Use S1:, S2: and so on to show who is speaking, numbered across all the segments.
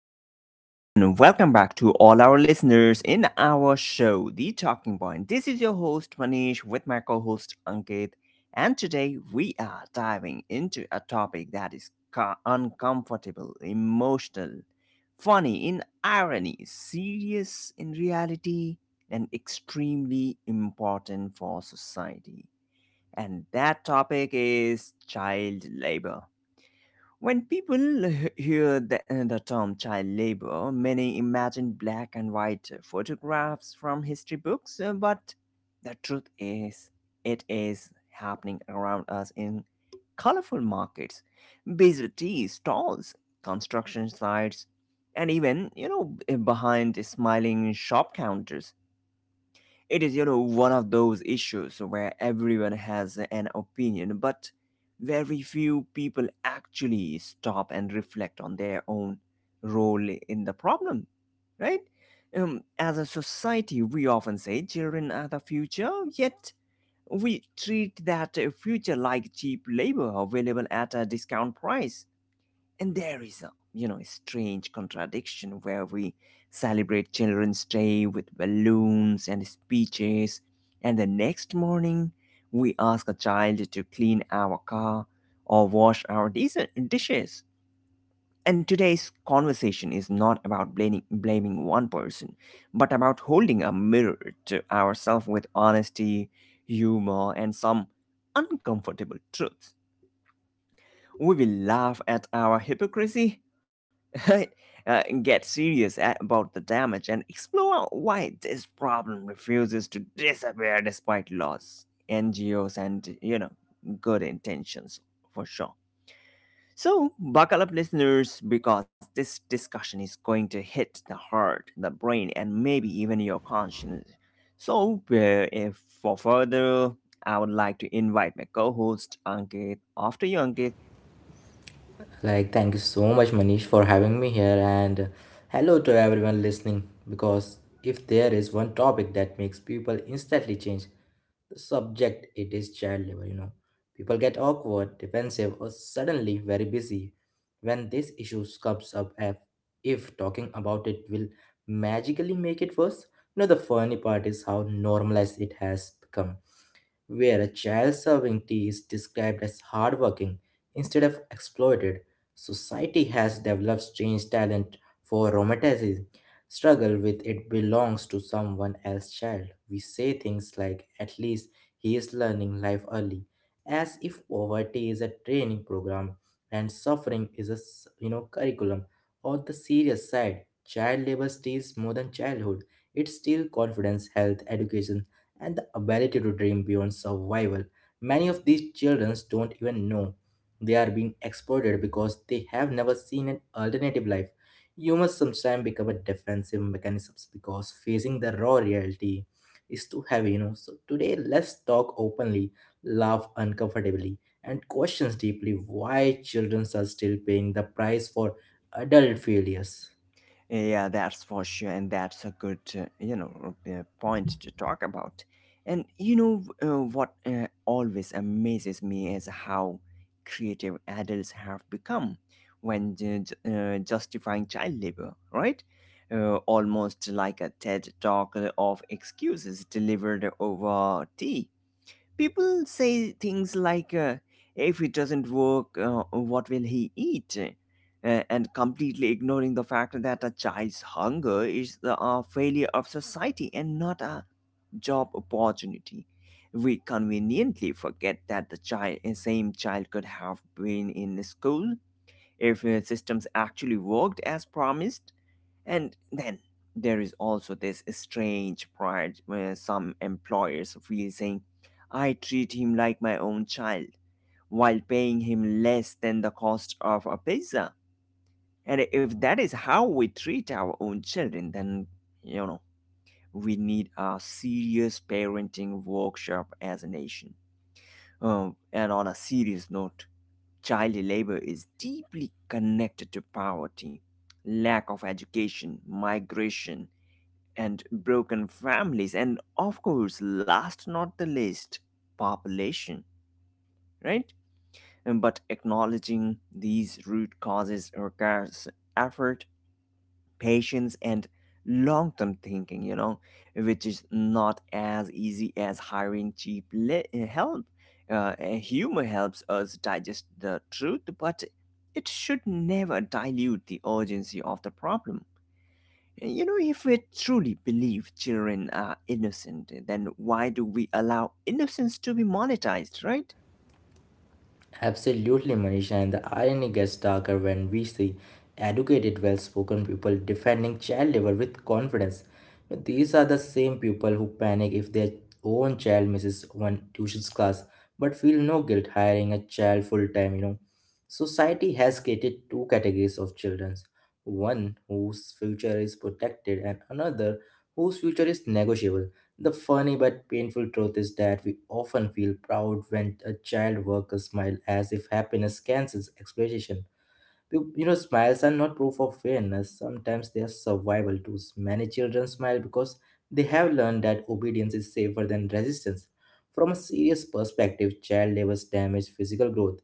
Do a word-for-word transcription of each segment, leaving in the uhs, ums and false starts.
S1: Hello, and welcome back to all our listeners in our show, The Talking Point. This is your host, Manish, with my co host, Ankit. And today we are diving into a topic that is co- uncomfortable, emotional, funny in irony, serious in reality, and extremely important for society. And that topic is child labor. When people h- hear the, the term child labor, many imagine black and white photographs from history books, uh, but the truth is, it is happening around us in colorful markets, busy tea stalls, construction sites, and even, you know, behind smiling shop counters. It is, you know, one of those issues where everyone has an opinion, but very few people actually stop and reflect on their own role in the problem, right? Um, as a society, we often say children are the future, yet we treat that future like cheap labor available at a discount price. And there is a, you know, strange contradiction where we celebrate Children's Day with balloons and speeches, and the next morning we ask a child to clean our car or wash our dis- dishes. And today's conversation is not about blaming, blaming one person, but about holding a mirror to ourselves with honesty, humor, and some uncomfortable truths. We will laugh at our hypocrisy, uh, get serious a- about the damage, and explore why this problem refuses to disappear despite laws, N G Os, and you know, good intentions for sure. So, buckle up, listeners, because this discussion is going to hit the heart, the brain, and maybe even your conscience. So, uh, if for further, I would like to invite my co host, Ankit. After you, Ankit.
S2: Like, thank you so much, Manish, for having me here, and hello to everyone listening. Because if there is one topic that makes people instantly change the subject, it is child labor. You know, people get awkward, defensive, or suddenly very busy when this issue comes up. If, if talking about it will magically make it worse, you know, the funny part is how normalized it has become where a child serving tea is described as hardworking instead of exploited. Society has developed strange talent for romanticism. Struggle with it belongs to someone else's child. We say things like, at least he is learning life early, as if poverty is a training program and suffering is a s- you know curriculum. On the serious side, child labor steals more than childhood. It steals confidence, health, education, and the ability to dream beyond survival. Many of these children don't even know they are being exploited because they have never seen an alternative life. Humans sometimes become a defensive mechanisms because facing the raw reality is too heavy, you know. So today, let's talk openly, laugh uncomfortably, and questions deeply why children are still paying the price for adult failures.
S1: Yeah, that's for sure, and that's a good uh, you know uh, point to talk about. And you know uh, what uh, always amazes me is how creative adults have become when ju- ju- uh, justifying child labor, right? Uh, almost like a TED talk of excuses delivered over tea. People say things like, uh, if it doesn't work, uh, what will he eat? Uh, and completely ignoring the fact that a child's hunger is the uh, failure of society and not a job opportunity. We conveniently forget that the child, same child could have been in school if uh, systems actually worked as promised. And then there is also this strange pride where some employers feel saying, I treat him like my own child while paying him less than the cost of a pizza. And if that is how we treat our own children, then, you know, we need a serious parenting workshop as a nation. Um, and on a serious note, child labor is deeply connected to poverty, lack of education, migration, and broken families, and of course, last not the least, population, right? But acknowledging these root causes requires effort, patience, and long-term thinking, you know which is not as easy as hiring cheap le- eh, help. Uh, eh, humor helps us digest the truth, but it should never dilute the urgency of the problem. you know if we truly believe children are innocent, then why do we allow innocence to be monetized, right?
S2: Absolutely, Manisha, and the irony gets darker when we see educated, well spoken people defending child labor with confidence. You know, these are the same people who panic if their own child misses one tuition class but feel no guilt hiring a child full time, you know. Society has created two categories of children, one whose future is protected and another whose future is negotiable. The funny but painful truth is that we often feel proud when a child worker smiles as if happiness cancels exploitation. You you know, smiles are not proof of fairness. Sometimes they are survival tools. Many children smile because they have learned that obedience is safer than resistance. From a serious perspective, child labor's damage physical growth,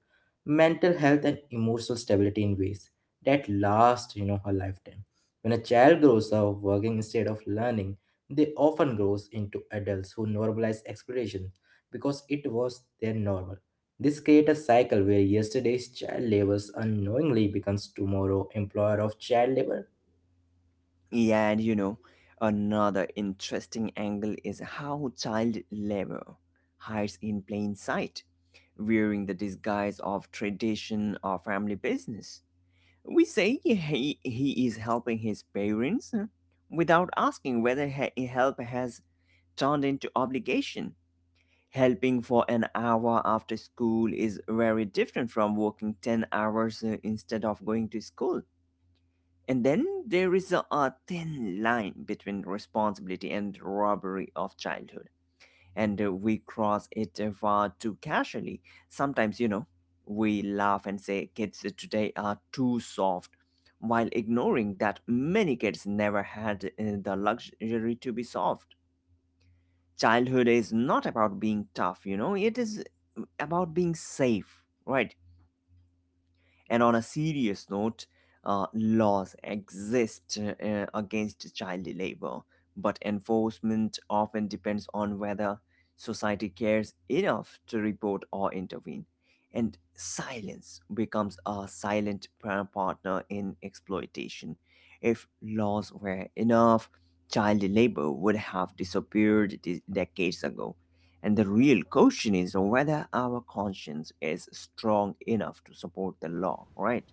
S2: mental health, and emotional stability in ways that last, you know, a lifetime. When a child grows up working instead of learning, they often grows into adults who normalize exploration because it was their normal. This creates a cycle where yesterday's child labor unknowingly becomes tomorrow's employer of child labor.
S1: Yeah, and you know, another interesting angle is how child labor hides in plain sight, wearing the disguise of tradition or family business. We say he, he is helping his parents, uh, without asking whether he- help has turned into obligation. Helping for an hour after school is very different from working ten hours uh, instead of going to school. And then there is a, a thin line between responsibility and robbery of childhood. And uh, we cross it uh, far too casually. Sometimes, you know, we laugh and say kids today are too soft, while ignoring that many kids never had uh, the luxury to be soft. Childhood is not about being tough, you know, it is about being safe, right? And on a serious note, uh, laws exist uh, uh, against child labor, but enforcement often depends on whether society cares enough to report or intervene. And silence becomes a silent par- partner in exploitation. If laws were enough, child labor would have disappeared de- decades ago. And the real question is whether our conscience is strong enough to support the law, right?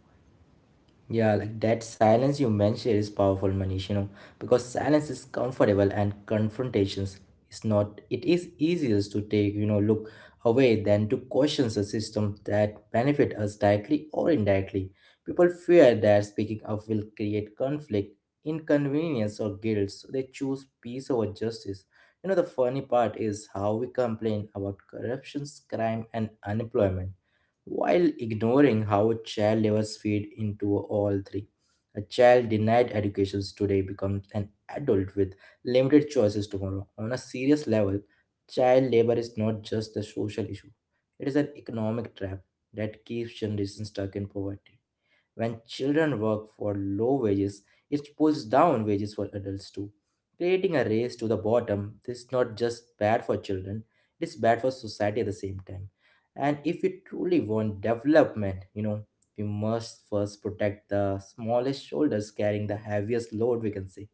S2: Yeah, like that silence you mentioned is powerful, Manish, you know, because silence is comfortable and confrontations is not. It is easier to take, you know, look away than to question a system that benefit us directly or indirectly. People fear that speaking up will create conflict, inconvenience, or guilt, so they choose peace over justice. You know, the funny part is how we complain about corruptions, crime, and unemployment while ignoring how child labors feed into all three. A child denied education today becomes an adult with limited choices tomorrow. On a serious level, child labor is not just a social issue, it is an economic trap that keeps generations stuck in poverty. When children work for low wages, it pulls down wages for adults too. Creating a race to the bottom. This is not just bad for children, it is bad for society at the same time. And if we truly want development, you know, we must first protect the smallest shoulders carrying the heaviest load, we can say.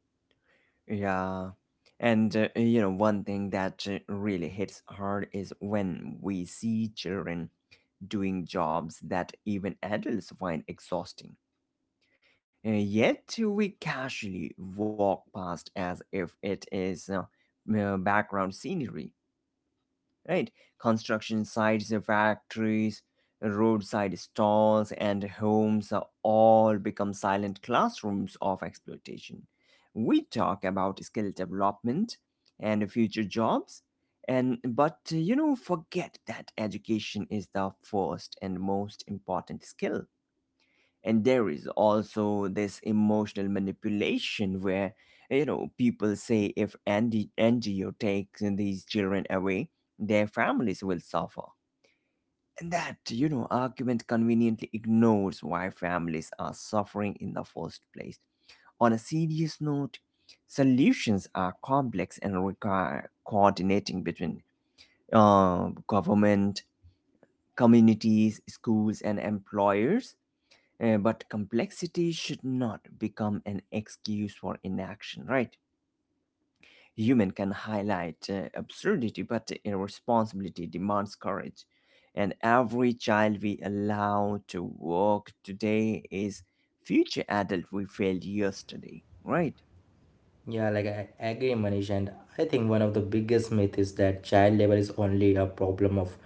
S1: Yeah. And uh, you know, one thing that uh, really hits hard is when we see children doing jobs that even adults find exhausting. Uh, yet we casually walk past as if it is uh, uh, background scenery, right? Construction sites, factories, roadside stalls, and homes are all become silent classrooms of exploitation. We talk about skill development and future jobs, and but you know, forget that education is the first and most important skill. And there is also this emotional manipulation where you know people say if Andy N G O takes these children away, their families will suffer. And that, you know, argument conveniently ignores why families are suffering in the first place. On a serious note, solutions are complex and require coordinating between uh, government, communities, schools, and employers, uh, but complexity should not become an excuse for inaction, right? Human can highlight uh, absurdity, but irresponsibility demands courage. And every child we allow to walk today is future adult we failed yesterday, right?
S2: Yeah, like I agree, Manish, and I think one of the biggest myth is that child labor is only a problem of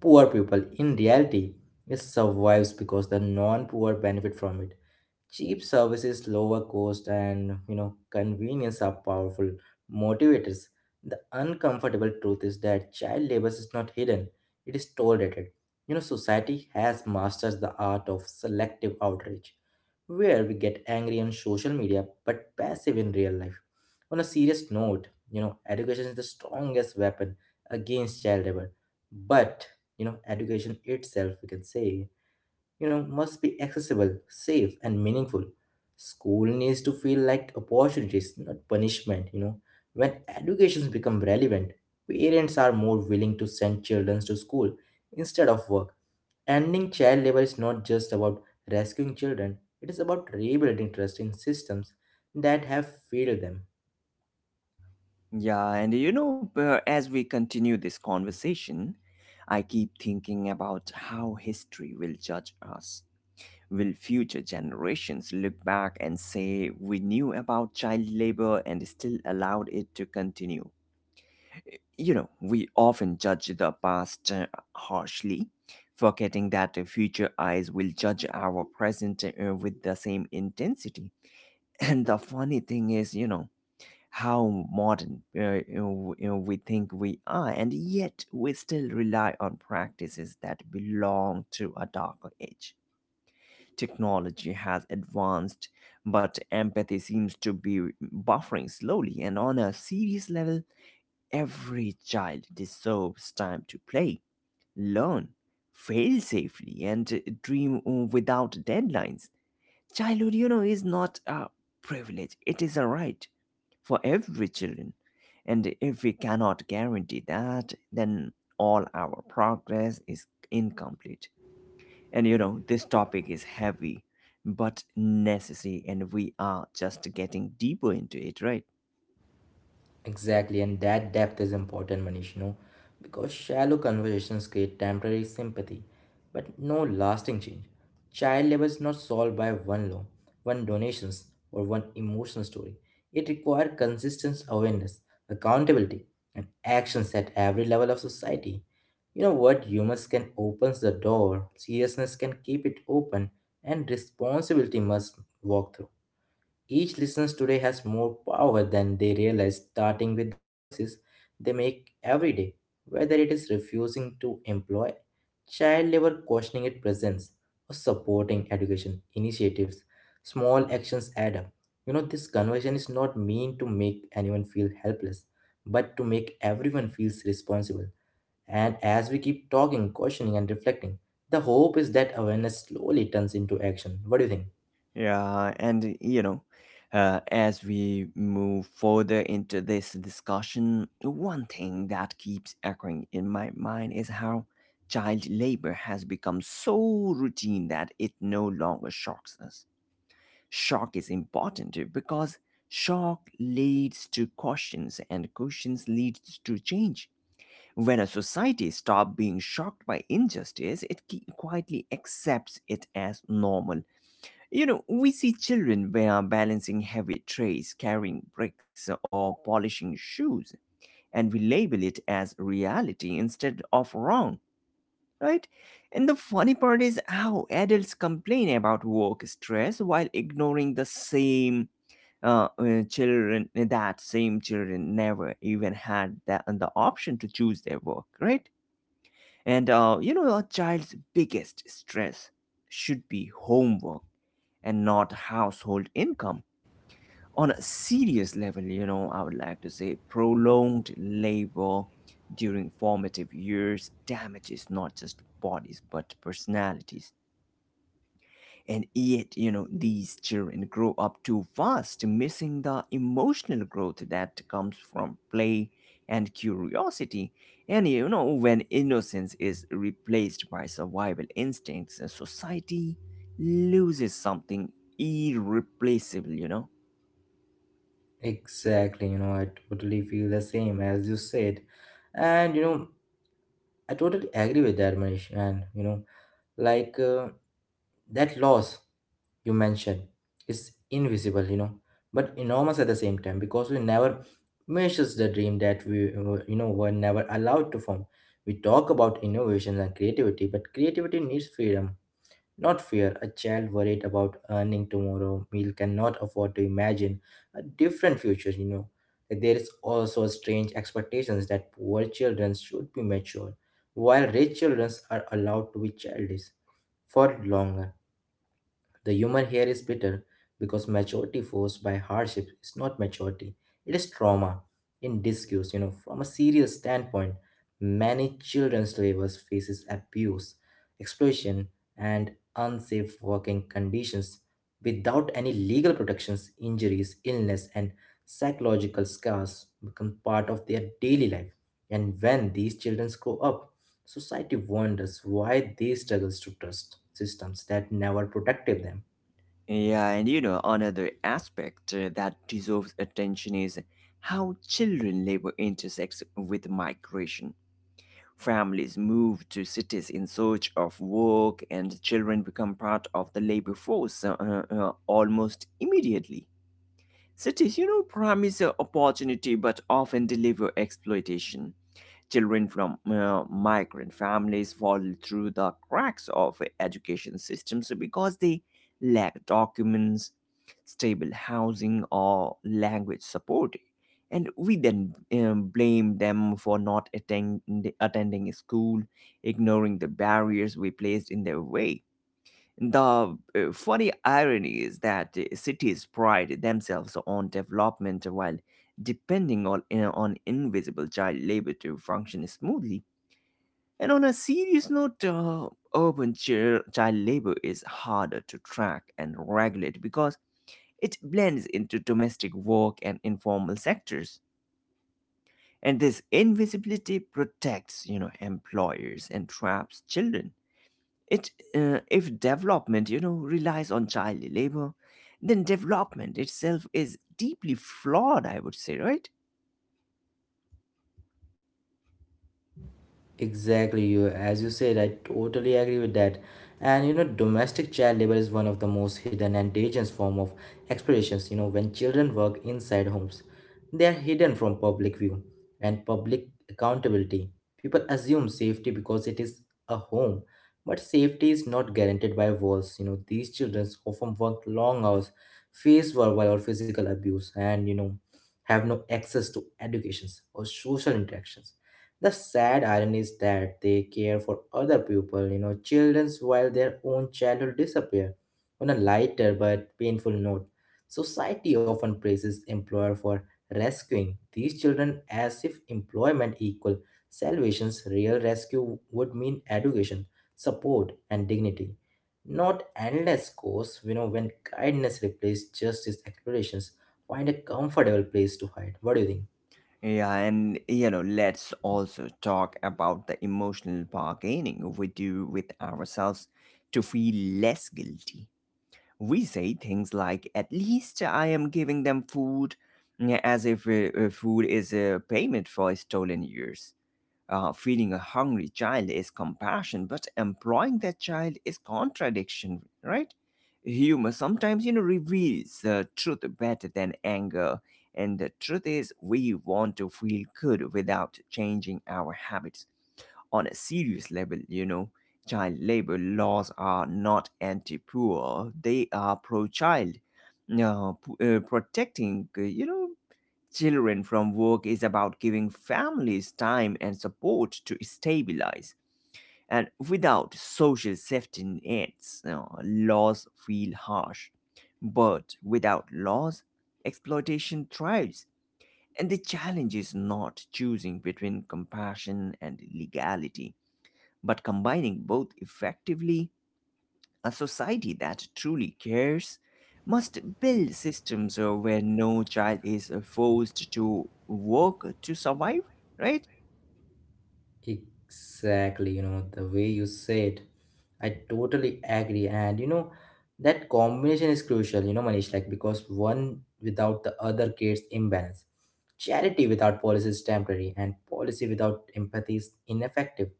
S2: poor people. In reality, it survives because the non-poor benefit from it. Cheap services, lower cost, and you know convenience are powerful motivators. The uncomfortable truth is that child labor is not hidden; it is tolerated. You know, society has mastered the art of selective outrage where we get angry on social media but passive in real life. On a serious note, you know, education is the strongest weapon against child labor. But, you know, education itself, we can say, you know, must be accessible, safe, and meaningful. School needs to feel like opportunities, not punishment, you know. When educations become relevant, parents are more willing to send children to school instead of work. Ending child labor is not just about rescuing children, it is about rebuilding trust in systems that have failed them.
S1: Yeah, and you know, uh, as we continue this conversation, I keep thinking about how history will judge us. Will future generations look back and say, we knew about child labor and still allowed it to continue? You know, we often judge the past uh, harshly, forgetting that the future eyes will judge our present uh, with the same intensity. And the funny thing is, you know, how modern uh, you know, you know, we think we are, and yet we still rely on practices that belong to a darker age. Technology has advanced, but empathy seems to be buffering slowly. And on a serious level, every child deserves time to play, learn, fail safely, and dream without deadlines. Childhood, you know, is not a privilege, it is a right for every children. And if we cannot guarantee that, then all our progress is incomplete. And you know, this topic is heavy but necessary, and we are just getting deeper into it, right?
S2: Exactly, and that depth is important, Manish, you know, because shallow conversations create temporary sympathy, but no lasting change. Child labor is not solved by one law, one donations, or one emotional story. It requires consistent awareness, accountability, and actions at every level of society. You know what? Humors can opens the door, seriousness can keep it open, and responsibility must walk through. Each listener today has more power than they realize, starting with the choices they make every day, whether it is refusing to employ child labor, questioning its presence, or supporting education initiatives. Small actions add up. You know, this conversation is not meant to make anyone feel helpless, but to make everyone feels responsible. And as we keep talking, questioning, and reflecting, the hope is that awareness slowly turns into action. What do you think?
S1: Yeah, and you know, uh, as we move further into this discussion, one thing that keeps echoing in my mind is how child labor has become so routine that it no longer shocks us. Shock is important because shock leads to questions, and questions leads to change. When a society stops being shocked by injustice, it ki- quietly accepts it as normal. You know, we see children who are balancing heavy trays, carrying bricks, or polishing shoes, and we label it as reality instead of wrong, right? And the funny part is how adults complain about work stress while ignoring the same uh, uh, children that same children never even had that the option to choose their work, right? And uh, you know, a child's biggest stress should be homework and not household income. On a serious level, you know, I would like to say prolonged labor during formative years damages not just bodies but personalities. And yet, you know, these children grow up too fast, missing the emotional growth that comes from play and curiosity. And, you know, when innocence is replaced by survival instincts, uh, society loses something irreplaceable, you know?
S2: Exactly, you know, I totally feel the same as you said. And, you know, I totally agree with that, Manish. And, you know, like uh, that loss you mentioned is invisible, you know, but enormous at the same time because we never measures the dream that we, were- you know, were never allowed to form. We talk about innovations and creativity, but creativity needs freedom not fair, a child worried about earning tomorrow meal cannot afford to imagine a different future, you know. There is also a strange expectations that poor children should be mature, while rich children are allowed to be childish for longer. The humor here is bitter because maturity forced by hardship is not maturity, it is trauma in disguise. You know, from a serious standpoint, many children slavers faces abuse, exploitation, and unsafe working conditions without any legal protections, injuries, illness, and psychological scars become part of their daily life. And when these children grow up, society wonders why they struggles to trust systems that never protected them.
S1: Yeah, and, you know, another aspect uh, that deserves attention is how children labor intersects with migration. Families move to cities in search of work, and children become part of the labor force uh, uh, uh, almost immediately. Cities, you know, promise uh, opportunity but often deliver exploitation. Children from uh, migrant families fall through the cracks of education systems because they lack documents, stable housing, or language support. And we then um, blame them for not attend- attending school, ignoring the barriers we placed in their way. The uh, funny irony is that uh, cities pride themselves on development while depending on, uh, on invisible child labor to function smoothly. And on a serious note, uh, urban chil- child labor is harder to track and regulate because it blends into domestic work and informal sectors. And this invisibility protects, you know, employers and traps children. It, uh, if development, you know, relies on child labor, then development itself is deeply flawed, I would say, right?
S2: Exactly, you as you said, I totally agree with that. And you know, domestic child labor is one of the most hidden and dangerous form of exploitations. You know, when children work inside homes, they are hidden from public view and public accountability. People assume safety because it is a home, but safety is not guaranteed by walls. You know, these children often work long hours, face verbal or physical abuse, and you know, have no access to educations or social interactions. The sad irony is that they care for other people, you know, children's while their own childhood disappear. On a lighter but painful note, society often praises employer for rescuing these children as if employment equal salvation's real rescue would mean education, support, and dignity. Not endless course, you know, when kindness replaces justice explorations, find a comfortable place to hide. What do you think?
S1: Yeah, and you know, let's also talk about the emotional bargaining we do with ourselves to feel less guilty. We say things like, at least I am giving them food, yeah, as if uh, uh, food is a payment for stolen years. Uh, feeding a hungry child is compassion, but employing that child is contradiction, right? Humor sometimes, you know, reveals uh, truth better than anger. And the truth is, we want to feel good without changing our habits. On a serious level, you know, child labor laws are not anti poor, they are pro child. Now, p- uh, protecting, uh, you know, children from work is about giving families time and support to stabilize. And without social safety nets, you know, laws feel harsh. But without laws, exploitation thrives. And the challenge is not choosing between compassion and legality, but combining both effectively. A society that truly cares must build systems uh, where no child is uh, forced to work to survive, right?
S2: Exactly, you know, the way you said, I totally agree. And you know, that combination is crucial, you know, Manish, like because one without the other creates imbalance. Charity without policy is temporary, and policy without empathy is ineffective.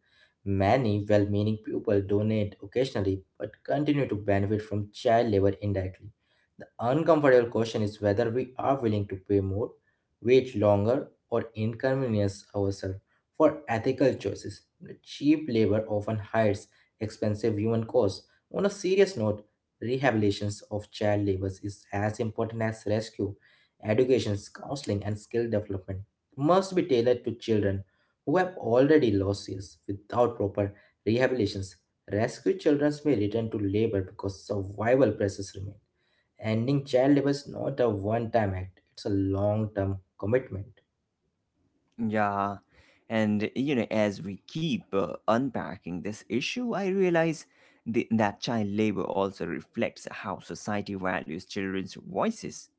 S2: Many well meaning people donate occasionally but continue to benefit from child labor indirectly. The uncomfortable question is whether we are willing to pay more, wait longer, or inconvenience ourselves for ethical choices. Cheap labor often hides expensive human costs. On a serious note, rehabilitations of child labor is as important as rescue. Education, counseling, and skill development must be tailored to children who have already lost years without proper rehabilitations. Rescued children may return to labor because survival pressures remain. Ending child labor is not a one time act, it's a long term commitment.
S1: Yeah. And you know, as we keep uh, unpacking this issue, I realize the, that child labor also reflects how society values children's voices.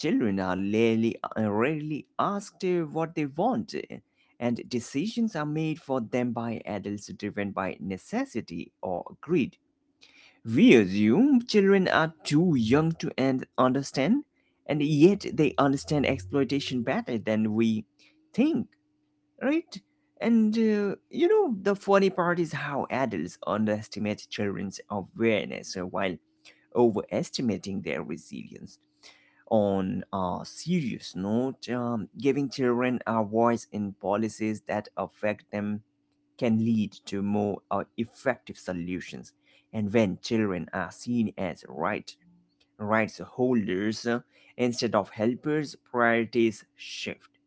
S1: Children are rarely, uh, rarely asked uh, what they want, uh, and decisions are made for them by adults driven by necessity or greed. We assume children are too young to un- understand, and yet they understand exploitation better than we think, right? And uh, you know, the funny part is how adults underestimate children's awareness uh, while overestimating their resilience. On a serious note, um, giving children a voice in policies that affect them can lead to more uh, effective solutions. And when children are seen as right rights holders uh, instead of helpers, priorities shift.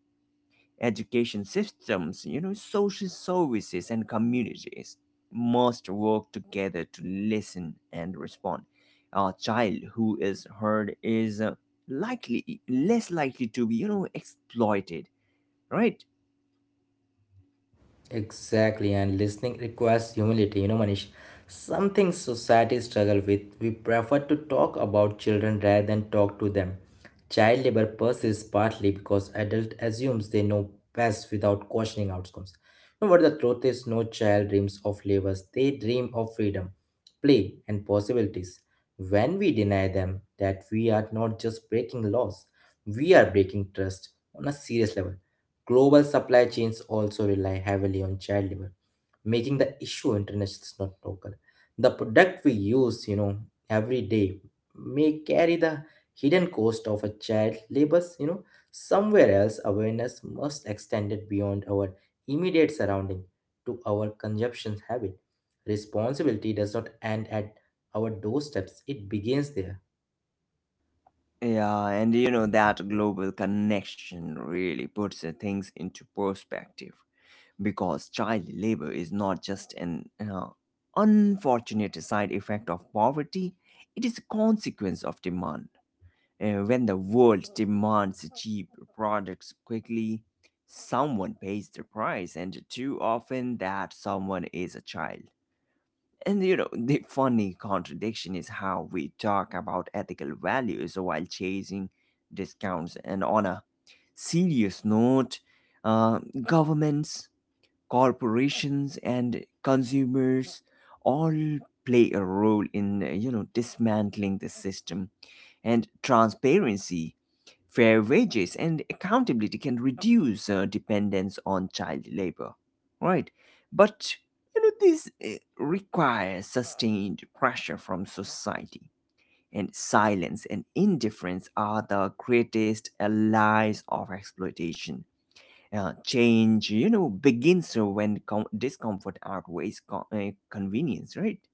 S1: Education systems, you know, social services and communities must work together to listen and respond. A child who is heard is uh, likely less likely to be, you know, exploited, right?
S2: Exactly, and listening requires humility, you know, Manish. Something society struggle with. We prefer to talk about children rather than talk to them. Child labor persists partly because adult assumes they know best without questioning outcomes. You know what the truth is? No child dreams of labors. They dream of freedom, play, and possibilities. When we deny them that we are not just breaking laws, we are breaking trust on a serious level. Global supply chains also rely heavily on child labor, making the issue international, not local. The product we use, you know, every day may carry the hidden cost of a child labor, you know, somewhere else. Awareness must extend it beyond our immediate surrounding to our consumption habit. Responsibility does not end at our doorsteps, it begins there.
S1: Yeah, and you know that global connection really puts uh, things into perspective, because child labor is not just an uh, unfortunate side effect of poverty, it is a consequence of demand. Uh, when the world demands cheap products quickly, someone pays the price, and too often that someone is a child. And you know, the funny contradiction is how we talk about ethical values while chasing discounts. And on a serious note, uh, governments, corporations, and consumers all play a role in, uh, you know, dismantling the system. And transparency, fair wages, and accountability can reduce uh, dependence on child labor, right? But you know this uh, requires sustained pressure from society, and silence and indifference are the greatest allies of exploitation. Uh, change, you know, begins when com- discomfort outweighs co- uh, convenience, right?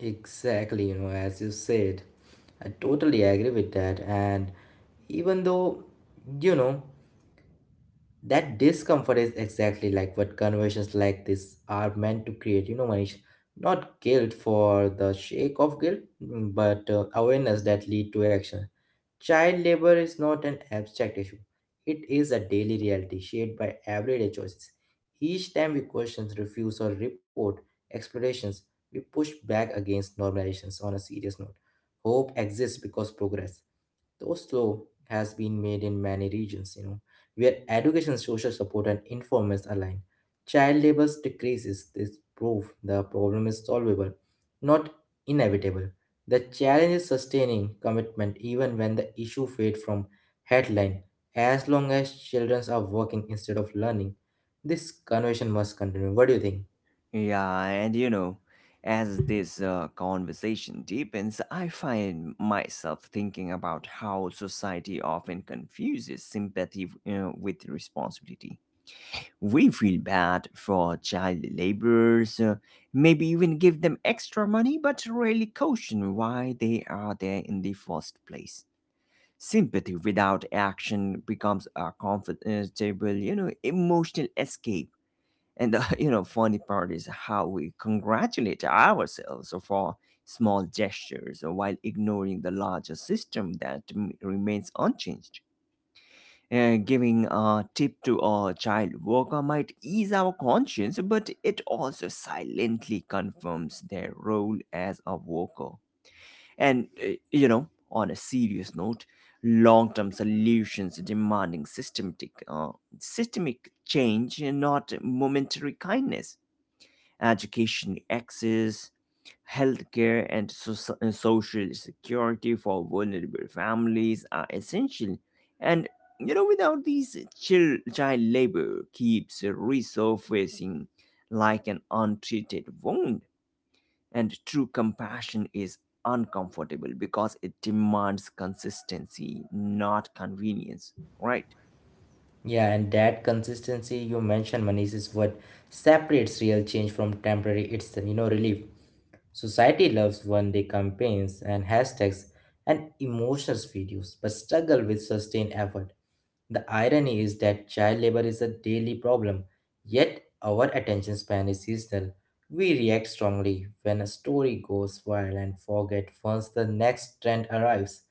S2: Exactly, you know, as you said. I totally agree with that. And even though, you know, that discomfort is exactly like what conversations like this are meant to create, you know, Manish. Not guilt for the sake of guilt, mm, but uh, awareness that lead to action. Child labor is not an abstract issue. It is a daily reality shaped by everyday choices. Each time we question, refuse, or report explorations, we push back against normalizations on a serious note. Hope exists because progress. Those Oslo has been made in many regions, you know, where education, social support, and informers align. Child labor decreases. This proof the problem is solvable, not inevitable. The challenge is sustaining commitment even when the issue fades from headline. As long as children are working instead of learning, this conversation must continue. What do you think?
S1: Yeah, and you know, as this uh, conversation deepens, I find myself thinking about how society often confuses sympathy uh, with responsibility. We feel bad for child laborers, uh, maybe even give them extra money, but rarely caution why they are there in the first place. Sympathy without action becomes a comfortable, you know, emotional escape, and the you know funny part is how we congratulate ourselves for small gestures while ignoring the larger system that m- remains unchanged. Uh, giving a tip to a child worker might ease our conscience, but it also silently confirms their role as a worker. And uh, you know, on a serious note, long-term solutions demanding systematic, uh, systemic change, not momentary kindness. Education access, healthcare, and soci- and social security for vulnerable families are essential. And you know, without these, chil- child labor keeps resurfacing like an untreated wound. And true compassion is uncomfortable because it demands consistency, not convenience, right?
S2: Yeah, and that consistency you mentioned, Manish, is what separates real change from temporary. It's you know relief. Society loves one day campaigns and hashtags and emotional videos, but struggle with sustained effort. The irony is that child labor is a daily problem, yet our attention span is seasonal. We react strongly when a story goes viral and forget once the next trend arrives.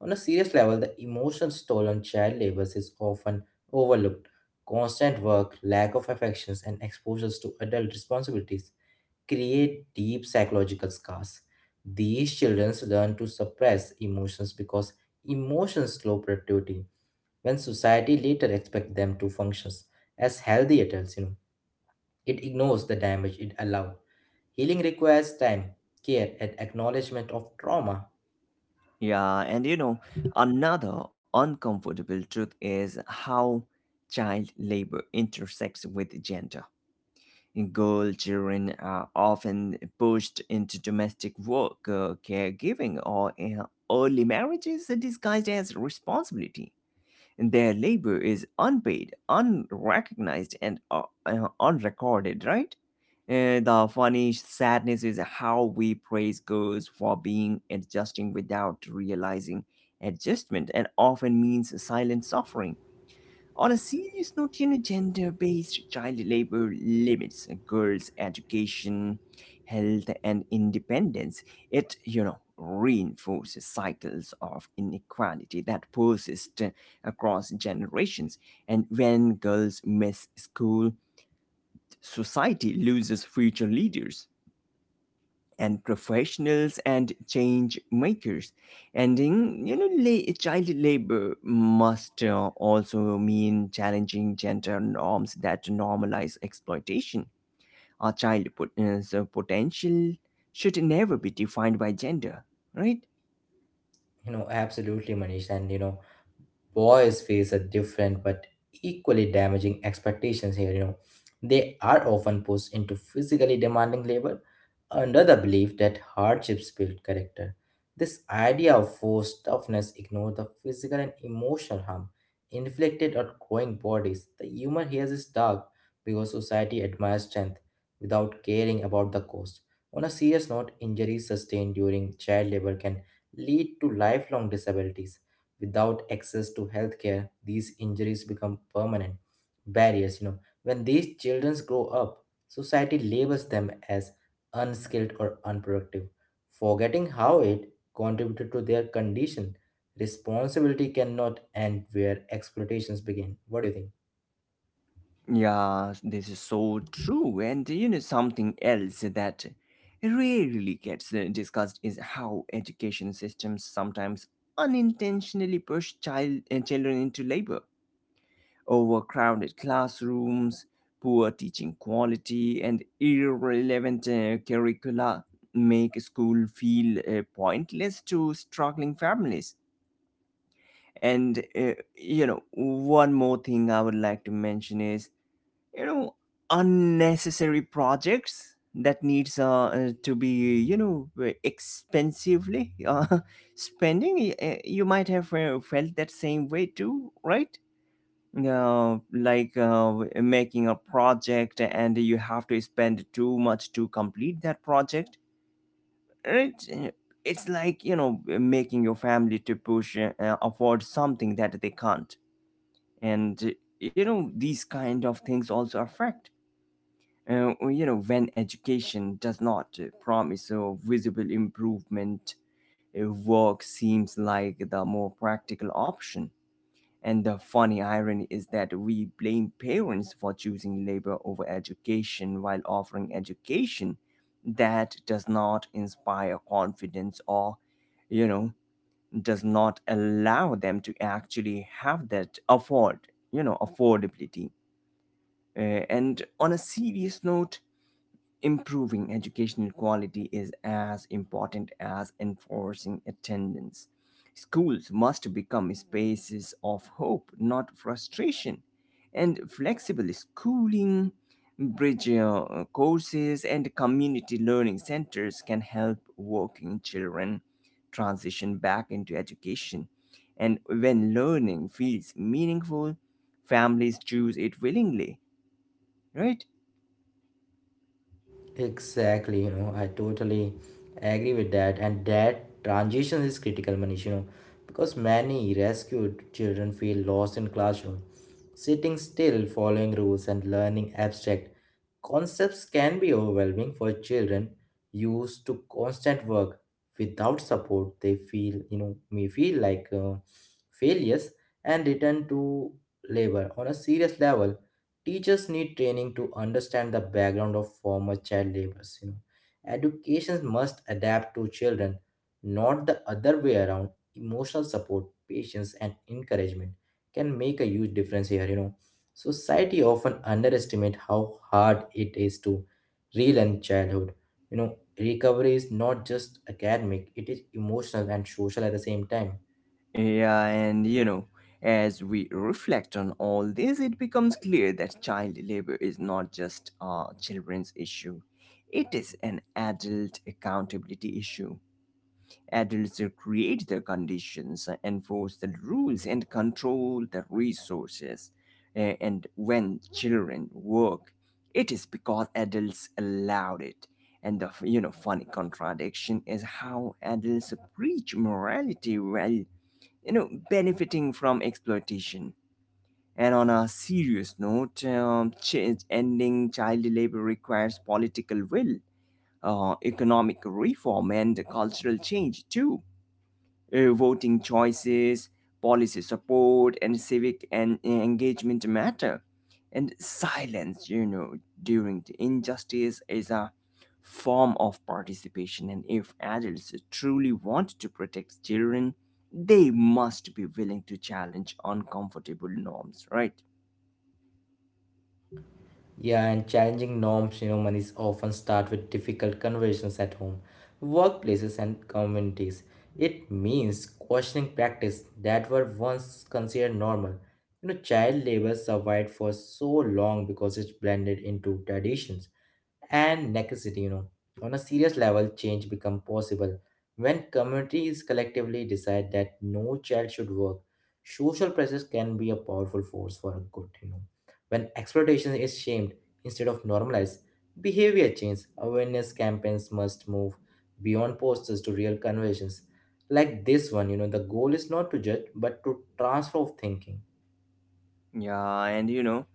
S2: On a serious level, the emotional toll on child labor is often overlooked. Constant work, lack of affections, and exposures to adult responsibilities create deep psychological scars. These children learn to suppress emotions because emotions slow productivity when society later expects them to function as healthy adults, you know. It ignores the damage it allowed. Healing requires time, care, and acknowledgement of trauma.
S1: Yeah, and you know, another uncomfortable truth is how child labor intersects with gender. Girl children are often pushed into domestic work, uh, caregiving, or uh, early marriages disguised as responsibility. Their labor is unpaid, unrecognized, and uh, uh, unrecorded, right? Uh, the funny sadness is how we praise girls for being adjusting without realizing adjustment and often means silent suffering. On a serious note, you know, gender based child labor limits girls' education, health, and independence. It, you know, reinforces cycles of inequality that persist across generations. And when girls miss school, society loses future leaders and professionals and change makers. Ending, you know, la- child labor must uh, also mean challenging gender norms that normalize exploitation. Our child pot- uh, so potential should never be defined by gender, right?
S2: You know, absolutely, Manish. And you know, boys face a different but equally damaging expectations here. You know, they are often pushed into physically demanding labor under the belief that hardships build character. This idea of force toughness ignores the physical and emotional harm inflicted on growing bodies. The humor here is dark because society admires strength without caring about the cost. On a serious note, injuries sustained during child labor can lead to lifelong disabilities. Without access to healthcare, these injuries become permanent barriers. You know, when these children grow up, society labels them as unskilled or unproductive, forgetting how it contributed to their condition. Responsibility cannot end where exploitations begin. What do you think?
S1: Yeah, this is so true. And you know, something else that rarely gets uh, discussed is how education systems sometimes unintentionally push child uh, children into labor. Overcrowded classrooms, poor teaching quality, and irrelevant uh, curricula make school feel uh, pointless to struggling families. And uh, you know, one more thing I would like to mention is, you know, unnecessary projects that needs uh, uh, to be, you know, uh, expensively uh, spending. Y- uh, you might have uh, felt that same way too, right? Uh, like uh, w- making a project and you have to spend too much to complete that project. it, it's like, you know, making your family to push uh, afford something that they can't, and you know these kind of things also affect, uh, you know, when education does not promise a visible improvement, uh, work seems like the more practical option. And the funny irony is that we blame parents for choosing labor over education while offering education that does not inspire confidence, or, you know, does not allow them to actually have that afford, you know, affordability. Uh, and on a serious note, improving educational quality is as important as enforcing attendance. Schools must become spaces of hope, not frustration. And flexible schooling, bridge uh, courses, and community learning centers can help working children transition back into education. And when learning feels meaningful, families choose it willingly, right?
S2: Exactly, you know, I totally agree with that. And that transition is critical, Manish, you know, because many rescued children feel lost in classroom. Sitting still, following rules, and learning abstract concepts can be overwhelming for children used to constant work. Without support, they feel, you know, may feel like uh, failures and return to labor on a serious level. Teachers need training to understand the background of former child laborers. You know, education must adapt to children, not the other way around. Emotional support, patience, and encouragement can make a huge difference here. You know, society often underestimate how hard it is to relearn childhood. You know, recovery is not just academic; it is emotional and social at the same time.
S1: Yeah, and you know, as we reflect on all this, it becomes clear that child labor is not just a children's issue, it is an adult accountability issue. Adults create the conditions, enforce the rules, and control the resources. A- And when children work, it is because adults allowed it. And the, you know, funny contradiction is how adults preach morality well, you know, benefiting from exploitation. And on a serious note, um, ch- ending child labor requires political will, uh, economic reform, and cultural change too. Uh, voting choices, policy support, and civic and engagement matter. And silence, you know, during the injustice is a form of participation. And if adults truly want to protect children, they must be willing to challenge uncomfortable norms, right?
S2: Yeah, and challenging norms, you know, monies often start with difficult conversations at home, workplaces, and communities. It means questioning practice that were once considered normal. You know, child labor survived for so long because it's blended into traditions and necessity, you know on a serious level, change become possible when communities collectively decide that no child should work. Social pressures can be a powerful force for good, you know when exploitation is shamed instead of normalized. Behavior change awareness campaigns must move beyond posters to real conversations like this one, you know the goal is not to judge but to transform thinking.
S1: Yeah, and you know,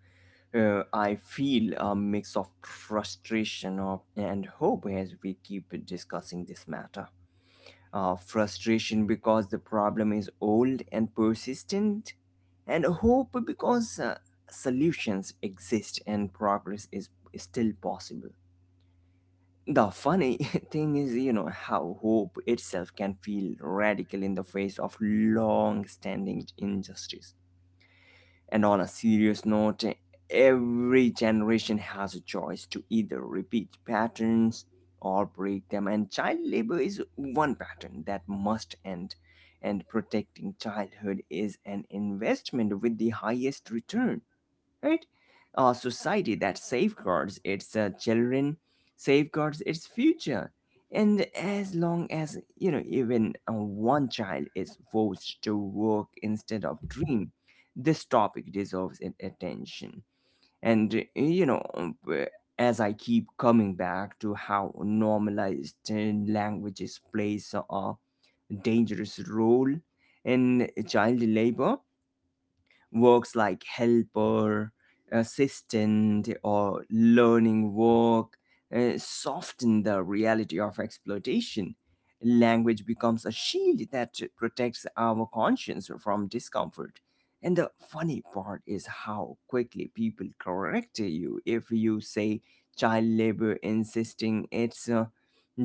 S1: uh, I feel a mix of frustration of, and hope as we keep discussing this matter. Uh, frustration because the problem is old and persistent, and hope because uh, solutions exist and progress is still possible. The funny thing is, you know, how hope itself can feel radical in the face of long standing injustice. And on a serious note, every generation has a choice to either repeat patterns or break them, and child labor is one pattern that must end. And protecting childhood is an investment with the highest return, right? A society that safeguards its uh, children safeguards its future. And as long as, you know, even uh, one child is forced to work instead of dream, this topic deserves a- attention. And, uh, you know, um, uh, as I keep coming back to how normalized uh, languages plays a dangerous role in child labor, works like helper, assistant, or learning work uh, soften the reality of exploitation. Language becomes a shield that protects our conscience from discomfort. And the funny part is how quickly people correct you if you say child labor, insisting it's uh,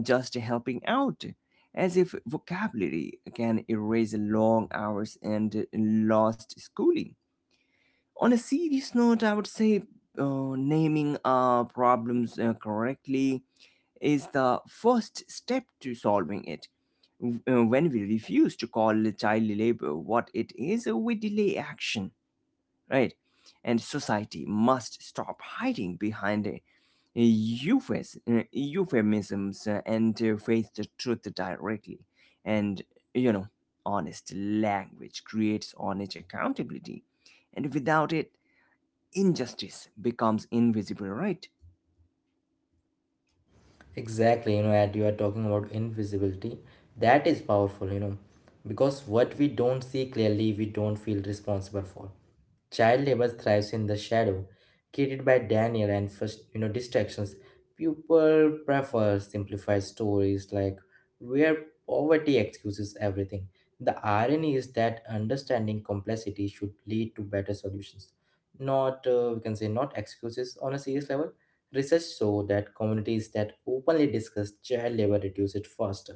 S1: just helping out, as if vocabulary can erase long hours and lost schooling. On a serious note, I would say uh, naming our problems uh, correctly is the first step to solving it. W- uh, When we refuse to call child labor what it is, uh, we delay action, right? And society must stop hiding behind uh, euphas- uh, euphemisms, uh, and uh, face the truth directly. And, you know, honest language creates honest accountability. And without it, injustice becomes invisible, right?
S2: Exactly, you know, and you are talking about invisibility. That is powerful, you know, because what we don't see clearly, we don't feel responsible for. Child labor thrives in the shadow, created by Daniel and first, you know, distractions. People prefer simplified stories like where poverty excuses everything. The irony is that understanding complexity should lead to better solutions, not uh, we can say not excuses on a serious level. Research show that communities that openly discuss child labor reduce it faster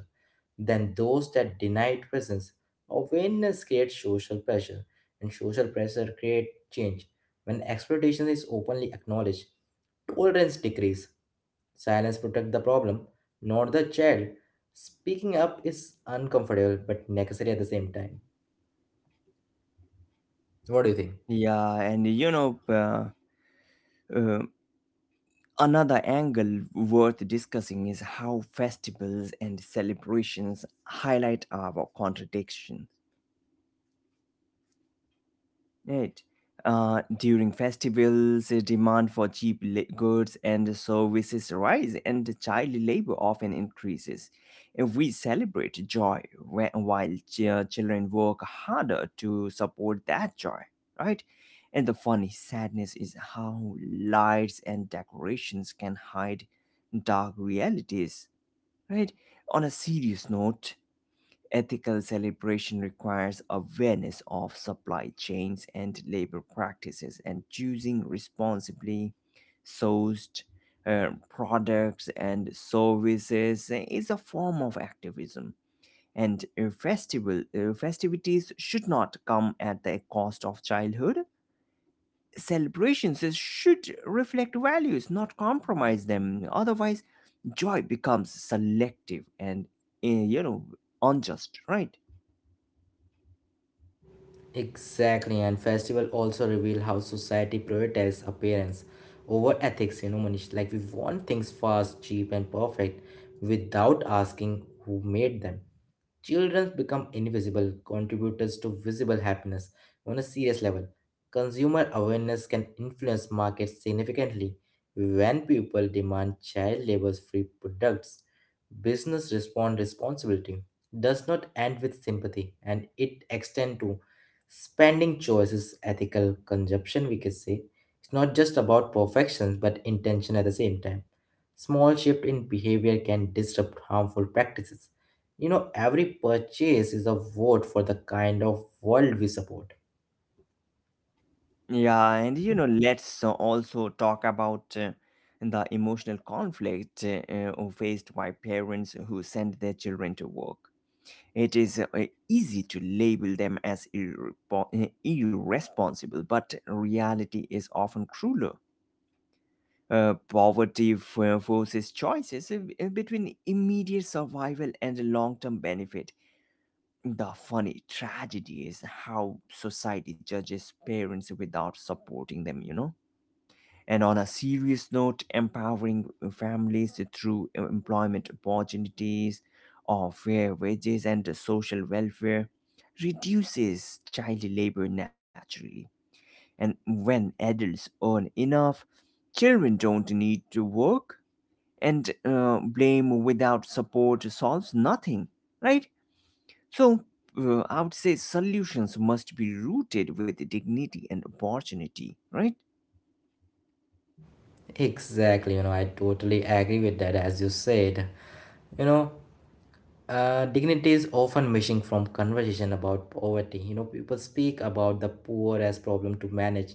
S2: than those that deny it presence. Awareness creates social pressure, and social pressure creates change. When exploitation is openly acknowledged, tolerance decreases. Silence protects the problem, not the child. Speaking up is uncomfortable but necessary at the same time. What do you think?
S1: Yeah, and you know, uh, uh, another angle worth discussing is how festivals and celebrations highlight our contradiction. Right. Uh, during festivals, the demand for cheap la- goods and services rise, and the child labor often increases. If we celebrate joy whe- while ch- uh, children work harder to support that joy, right? And the funny sadness is how lights and decorations can hide dark realities, right? On a serious note, ethical celebration requires awareness of supply chains and labor practices, and choosing responsibly sourced uh, products and services is a form of activism. And uh, festival uh, festivities should not come at the cost of childhood. Celebrations should reflect values, not compromise them. Otherwise, joy becomes selective and, uh, you know unjust, right?
S2: Exactly, and festival also reveal how society prioritizes appearance over ethics. You know, Manish, like we want things fast, cheap, and perfect without asking who made them. Children become invisible contributors to visible happiness on a serious level. Consumer awareness can influence markets significantly. When people demand child labor free products, business respond responsibility does not end with sympathy and it extend to spending choices, ethical consumption we can say. It's not just about perfection but intention at the same time. Small shift in behavior can disrupt harmful practices, you know, every purchase is a vote for the kind of world we support.
S1: Yeah, and you know, let's uh, also talk about uh, the emotional conflict uh, uh, faced by parents who send their children to work. It is uh, easy to label them as irrepo- uh, irresponsible, but reality is often crueler. Uh, poverty f- forces choices uh, between immediate survival and long term benefit. The funny tragedy is how society judges parents without supporting them, you know? And on a serious note, empowering families through employment opportunities or fair wages and social welfare reduces child labor naturally. And when adults earn enough, children don't need to work, and uh, blame without support solves nothing, right? So uh, I would say solutions must be rooted with dignity and opportunity, right?
S2: Exactly, you know, I totally agree with that, as you said. You know, Uh, dignity is often missing from conversation about poverty. You know, people speak about the poor as problem to manage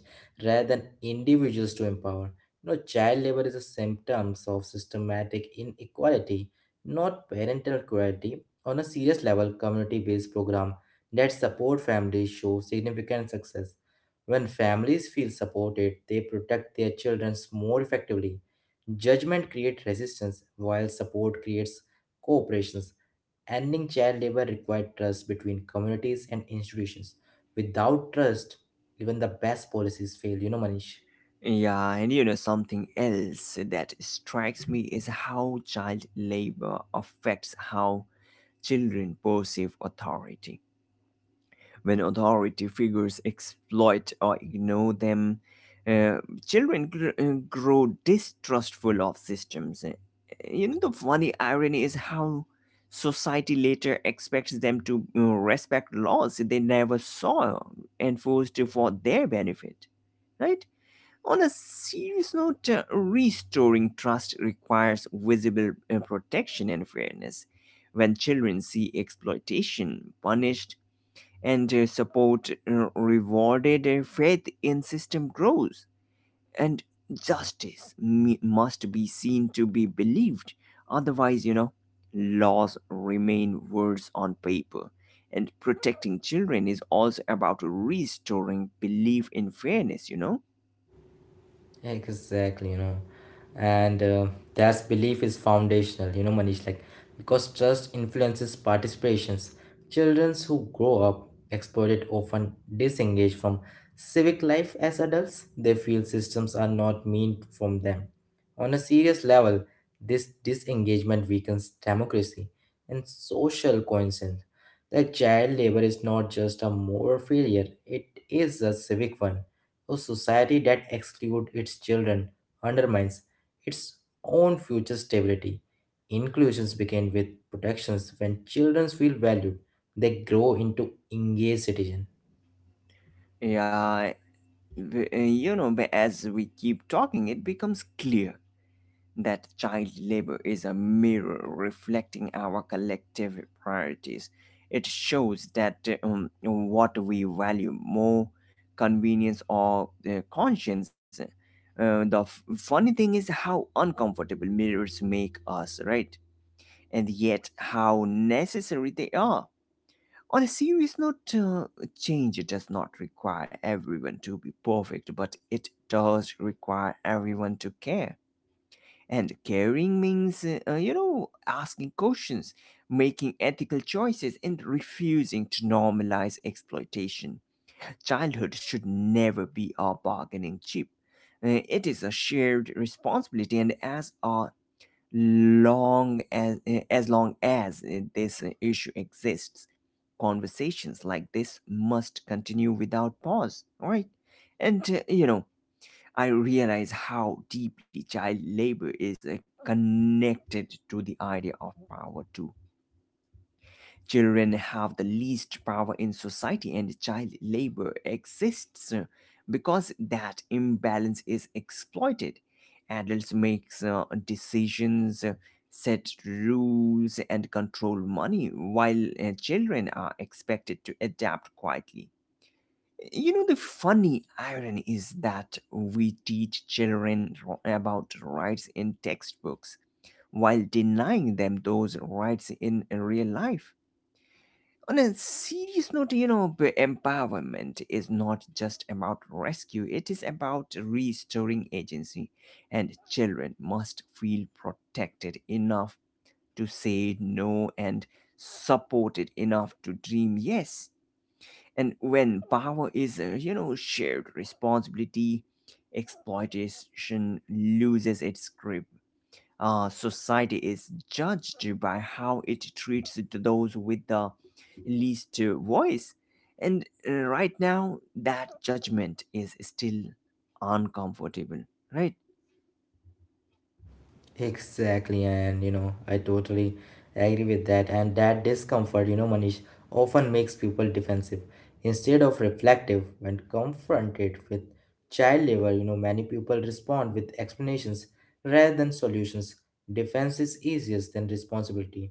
S2: rather than individuals to empower. You know, child labor is a symptom of systematic inequality, not parental cruelty. On a serious level, community-based program that support families show significant success. When families feel supported, they protect their children more effectively. Judgment creates resistance, while support creates cooperations. Ending child labor requires trust between communities and institutions. Without trust, even the best policies fail. You know, Manish.
S1: Yeah, and you know something else that strikes me is how child labor affects how children perceive authority. When authority figures exploit or ignore them, uh, children gr- uh, grow distrustful of systems. Uh, You know, the funny irony is how society later expects them to uh, respect laws they never saw enforced for their benefit, right? On a serious note, uh, restoring trust requires visible uh, protection and fairness. When children see exploitation punished and uh, support uh, rewarded, uh, faith in system grows. And justice me- must be seen to be believed. Otherwise, you know, laws remain words on paper. And protecting children is also about restoring belief in fairness, you know?
S2: Exactly, you know, and uh, that's belief is foundational, you know, Manish. Like, because trust influences participations. Children who grow up exploited often disengage from civic life as adults. They feel systems are not meant from them. On a serious level, this disengagement weakens democracy and social cohesion. The child labor is not just a moral failure; it is a civic one. A society that excludes its children undermines its own future stability. Inclusions begin with protections. When children feel valued, they grow into engaged citizens.
S1: Yeah, b- uh, you know b- as we keep talking it becomes clear that child labor is a mirror reflecting our collective priorities. It shows that uh, um, what we value more, convenience or uh, conscience. Uh, the f- funny thing is how uncomfortable mirrors make us, right? And yet how necessary they are. On a serious note, uh, change does not require everyone to be perfect, but it does require everyone to care. And caring means, uh, uh, you know, asking questions, making ethical choices, and refusing to normalize exploitation. Childhood should never be a bargaining chip. Uh, it is a shared responsibility, and as a long as uh, as long as uh, this uh, issue exists, conversations like this must continue without pause, right? And uh, you know, I realize how deeply child labor is uh, connected to the idea of power too. Children have the least power in society, and child labor exists uh, because that imbalance is exploited. Adults make uh, decisions, uh, set rules, and control money, while uh, children are expected to adapt quietly. You know, the funny irony is that we teach children ro- about rights in textbooks while denying them those rights in real life. On a serious note, you know, b- empowerment is not just about rescue, it is about restoring agency, and children must feel protected enough to say no and supported enough to dream yes. And when power is, uh, you know, shared responsibility, exploitation loses its grip. Uh, society is judged by how it treats th- those with the least uh, voice. And uh, right now, that judgment is still uncomfortable, right?
S2: Exactly, and you know, I totally agree with that. And that discomfort, you know, Manish, often makes people defensive instead of reflective. When confronted with child labor, you know, many people respond with explanations rather than solutions. Defense is easier than responsibility.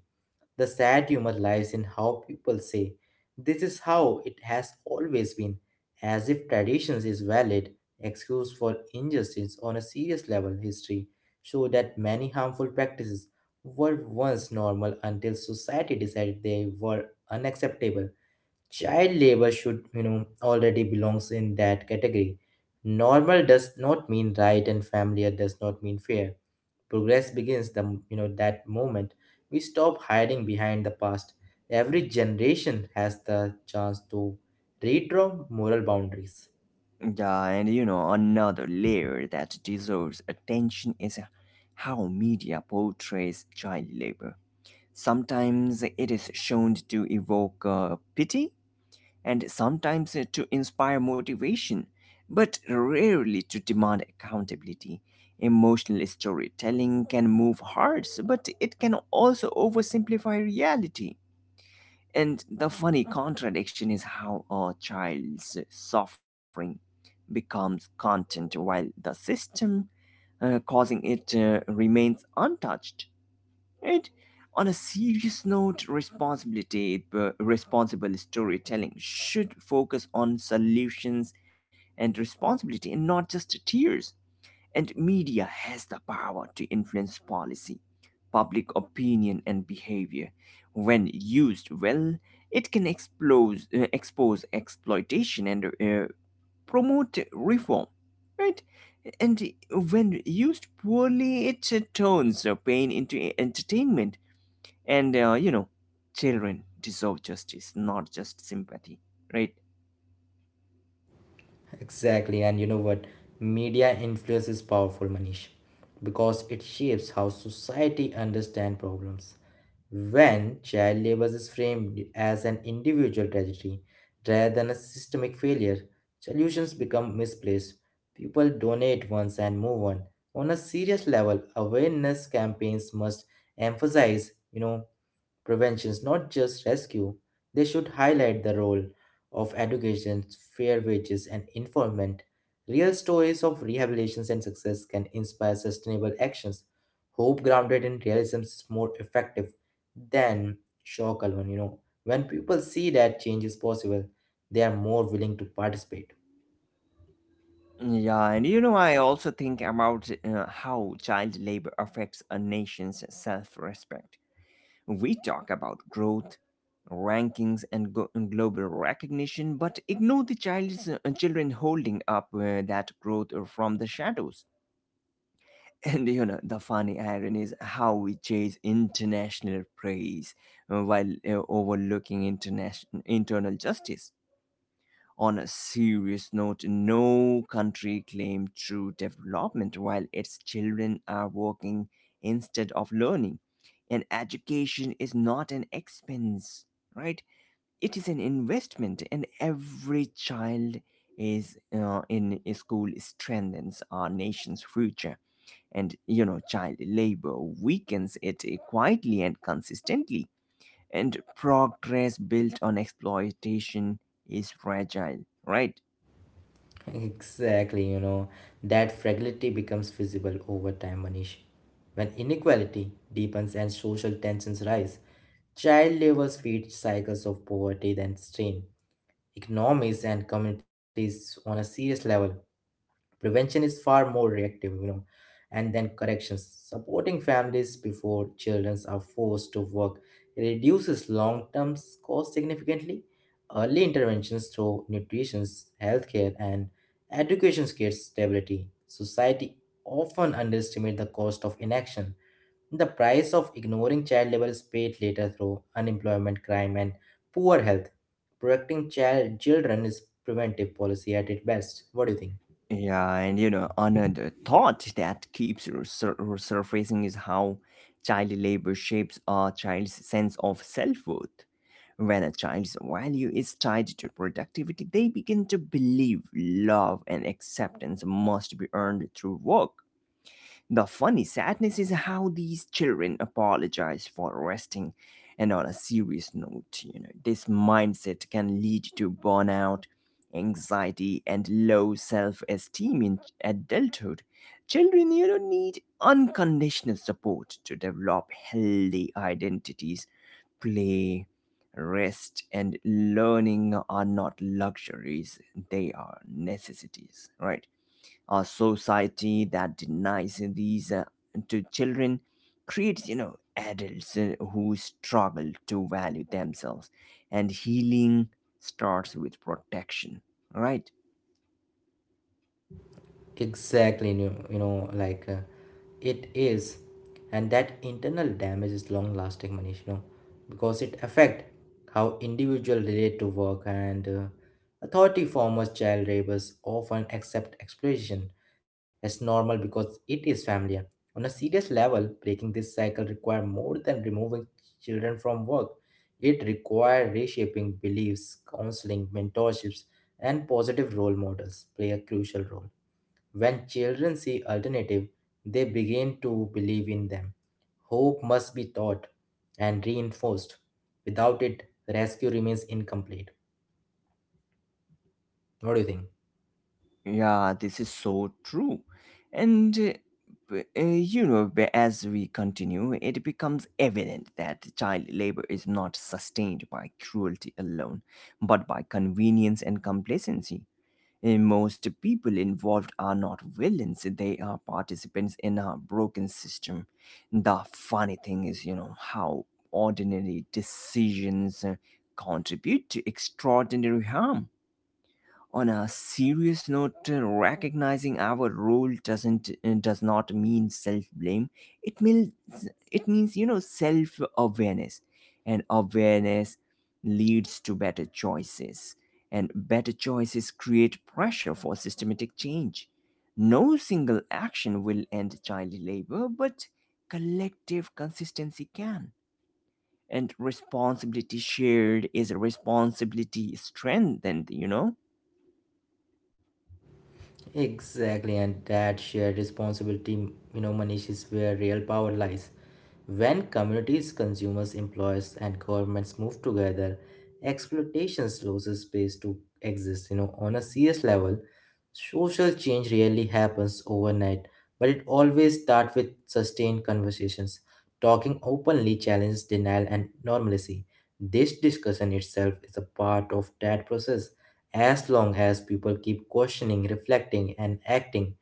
S2: The sad humor lies in how people say, this is how it has always been, as if traditions is valid excuse for injustice on a serious level. History show that many harmful practices were once normal until society decided they were unacceptable. Child labor should, you know, already belongs in that category. Normal does not mean right and familiar does not mean fair. Progress begins the m- you know that moment we stop hiding behind the past. Every generation has the chance to redraw moral boundaries.
S1: Yeah, and you know, another layer that deserves attention is how media portrays child labor. Sometimes it is shown to evoke uh, pity, and sometimes uh, to inspire motivation, but rarely to demand accountability. Emotional storytelling can move hearts, but it can also oversimplify reality. And the funny contradiction is how a child's suffering becomes content while the system uh, causing it uh, remains untouched. And on a serious note, responsibility, uh, responsible storytelling should focus on solutions and responsibility and not just tears. And media has the power to influence policy, public opinion, and behavior. When used well, it can expose, uh, expose exploitation and uh, promote reform. Right? And when used poorly, it turns pain into entertainment. And uh, you know, children deserve justice, not just sympathy, right?
S2: Exactly, and you know what? Media influence is powerful, Manish, because it shapes how society understand problems. When child labor is framed as an individual tragedy rather than a systemic failure, solutions become misplaced. People donate once and move on. On a serious level, awareness campaigns must emphasize, you know, prevention is not just rescue, they should highlight the role of education, fair wages, and environment. Real stories of rehabilitations and success can inspire sustainable actions. Hope grounded in realism is more effective than shock alone. You know, when people see that change is possible, they are more willing to participate.
S1: Yeah, and you know, I also think about uh, how child labor affects a nation's self-respect. We talk about growth, rankings, and go- and global recognition, but ignore the child's uh, children holding up uh, that growth from the shadows. And you know, the funny irony is how we chase international praise, uh, while uh, overlooking international internal justice. On a serious note, no country claimed true development while its children are working instead of learning. And education is not an expense, right? It is an investment, and every child is uh, in school strengthens our nation's future. And you know, child labor weakens it quietly and consistently. And progress built on exploitation is fragile, right?
S2: Exactly, you know, that fragility becomes visible over time, Manish. When inequality deepens and social tensions rise, child labors feed cycles of poverty and strain economies and communities on a serious level. Prevention is far more reactive, you know, and then corrections. Supporting families before children are forced to work reduces long term costs significantly. Early interventions through nutrition, healthcare, and education creates stability. Society often underestimates the cost of inaction. The price of ignoring child labor is paid later through unemployment, crime, and poor health. Protecting child children is preventive policy at its best. What do you think?
S1: Yeah, and you know, another thought that keeps resur- resurfacing is how child labor shapes a child's sense of self worth. When a child's value is tied to productivity, they begin to believe love and acceptance must be earned through work. The funny sadness is how these children apologize for resting. And on a serious note, you know, this mindset can lead to burnout, anxiety, and low self-esteem in adulthood. Children, you know, need unconditional support to develop healthy identities. Play, rest, and learning are not luxuries; they are necessities, right? A society that denies these uh, to children creates, you know, adults uh, who struggle to value themselves, and healing starts with protection, right?
S2: Exactly, you know, you know like uh, it is. And that internal damage is long lasting, Manish, you know because it affect how individual relate to work and uh, authority. Former child rapists often accept exploitation as normal because it is familiar. On a serious level, breaking this cycle require more than removing children from work. It require reshaping beliefs, counseling, mentorships, and positive role models play a crucial role. When children see alternative, they begin to believe in them. Hope must be taught and reinforced. Without it, rescue remains incomplete. What do you think?
S1: Yeah, this is so true. And uh, b- uh, you know b- as we continue it becomes evident that child labor is not sustained by cruelty alone but by convenience and complacency. Eh, Most people involved are not villains, they are participants in a broken system. The funny thing is, you know, how ordinary decisions uh, contribute to extraordinary harm. On a serious note, uh, recognizing our role doesn't uh, does not mean self blame. it means it means, you know, self awareness, and awareness leads to better choices, and better choices create pressure for systematic change. No single action will end child labor, but collective consistency can. And responsibility shared is responsibility strengthened, you know.
S2: Exactly, and that shared responsibility, you know, Manish, is where real power lies. When communities, consumers, employers, and governments move together, exploitation loses space to exist. You know, on a serious level, social change rarely happens overnight, but it always starts with sustained conversations. Talking openly challenges denial and normalcy. This discussion itself is a part of that process. As long as people keep questioning, reflecting, and acting,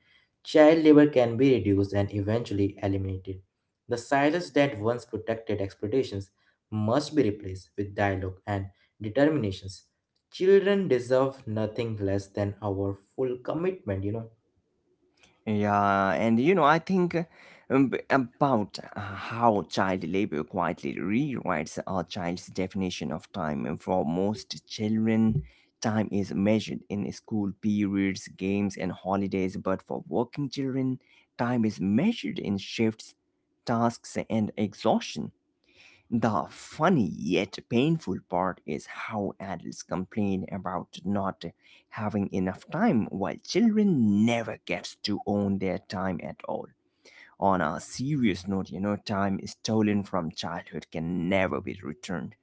S2: child labor can be reduced and eventually eliminated. The silence that once protected expectations must be replaced with dialogue and determinations. Children deserve nothing less than our full commitment, you know.
S1: Yeah, and you know, I think uh, um, b- about uh, how child labor quietly rewrites our child's definition of time. And for most children, time is measured in school periods, games, and holidays. But for working children, time is measured in shifts, tasks, and exhaustion. The funny yet painful part is how adults complain about not having enough time while children never get to own their time at all. On a serious note, you know, time stolen from childhood can never be returned.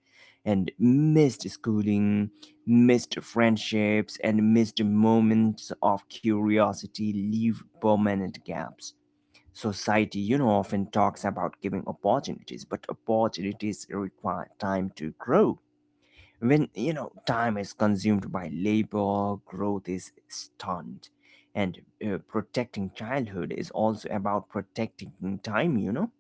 S1: And missed schooling, missed friendships, and missed moments of curiosity leave permanent gaps. Society, you know, often talks about giving opportunities, but opportunities require time to grow. When, you know, time is consumed by labor, growth is stunned. And uh, protecting childhood is also about protecting time, you know.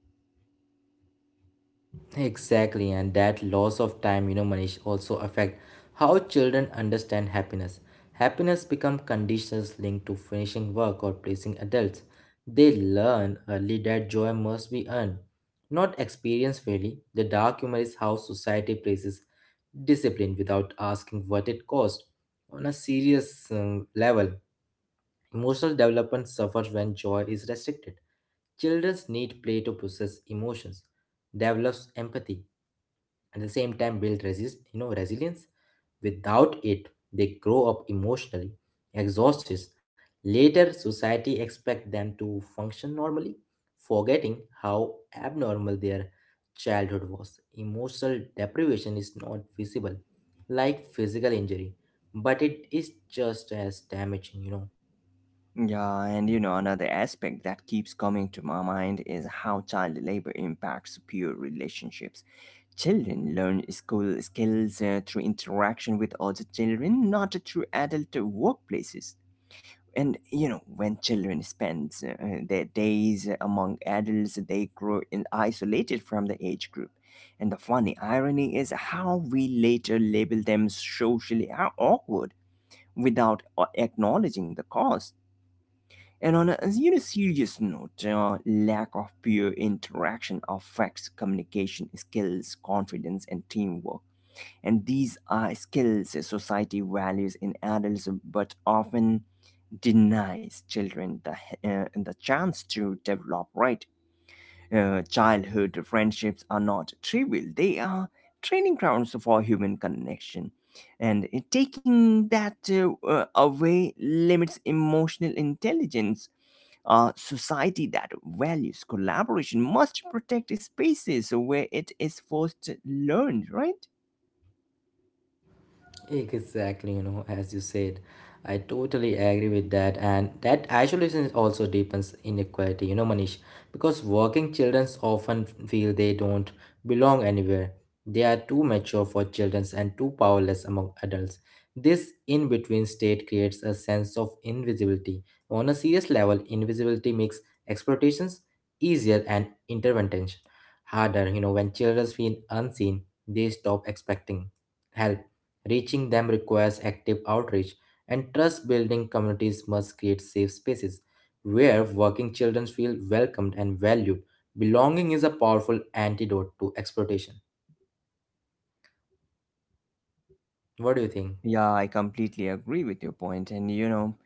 S2: Exactly, and that loss of time, you know, Manish, also affect how children understand happiness. Happiness become conditions linked to finishing work or pleasing adults. They learn early that joy must be earned, not experienced fairly. The dark humor is how society places discipline without asking what it cost. On a serious um, level, emotional development suffers when joy is restricted. Children need play to process emotions, develops empathy, at the same time build resist, you know, resilience. Without it, they grow up emotionally exhausted. Later, society expect them to function normally, forgetting how abnormal their childhood was. Emotional deprivation is not visible like physical injury, but it is just as damaging, you know.
S1: Yeah, and you know, another aspect that keeps coming to my mind is how child labor impacts peer relationships. Children learn school skills uh, through interaction with other children, not through adult workplaces. And you know, when children spend uh, their days among adults, they grow in isolated from the age group. And the funny irony is how we later label them socially awkward without uh, acknowledging the cause. And on a, you know, serious note, uh, lack of peer interaction affects communication skills, confidence, and teamwork. And these are skills society values in adults, but often denies children the uh, the chance to develop. Right? Uh, childhood friendships are not trivial; they are training grounds for human connection. And uh, taking that uh, uh, away limits emotional intelligence. A society that values collaboration must protect spaces where it is first learned, right?
S2: Exactly, you know, as you said, I totally agree with that, and that isolation also deepens inequality, you know, Manish, because working children often feel they don't belong anywhere. They are too mature for children and too powerless among adults. This in between state creates a sense of invisibility. On a serious level, invisibility makes exploitations easier and intervention harder. You know, when children feel unseen, they stop expecting help. Reaching them requires active outreach, and trust building communities must create safe spaces where working children feel welcomed and valued. Belonging is a powerful antidote to exploitation. What do you think?
S1: Yeah, I completely agree with your point, and you know,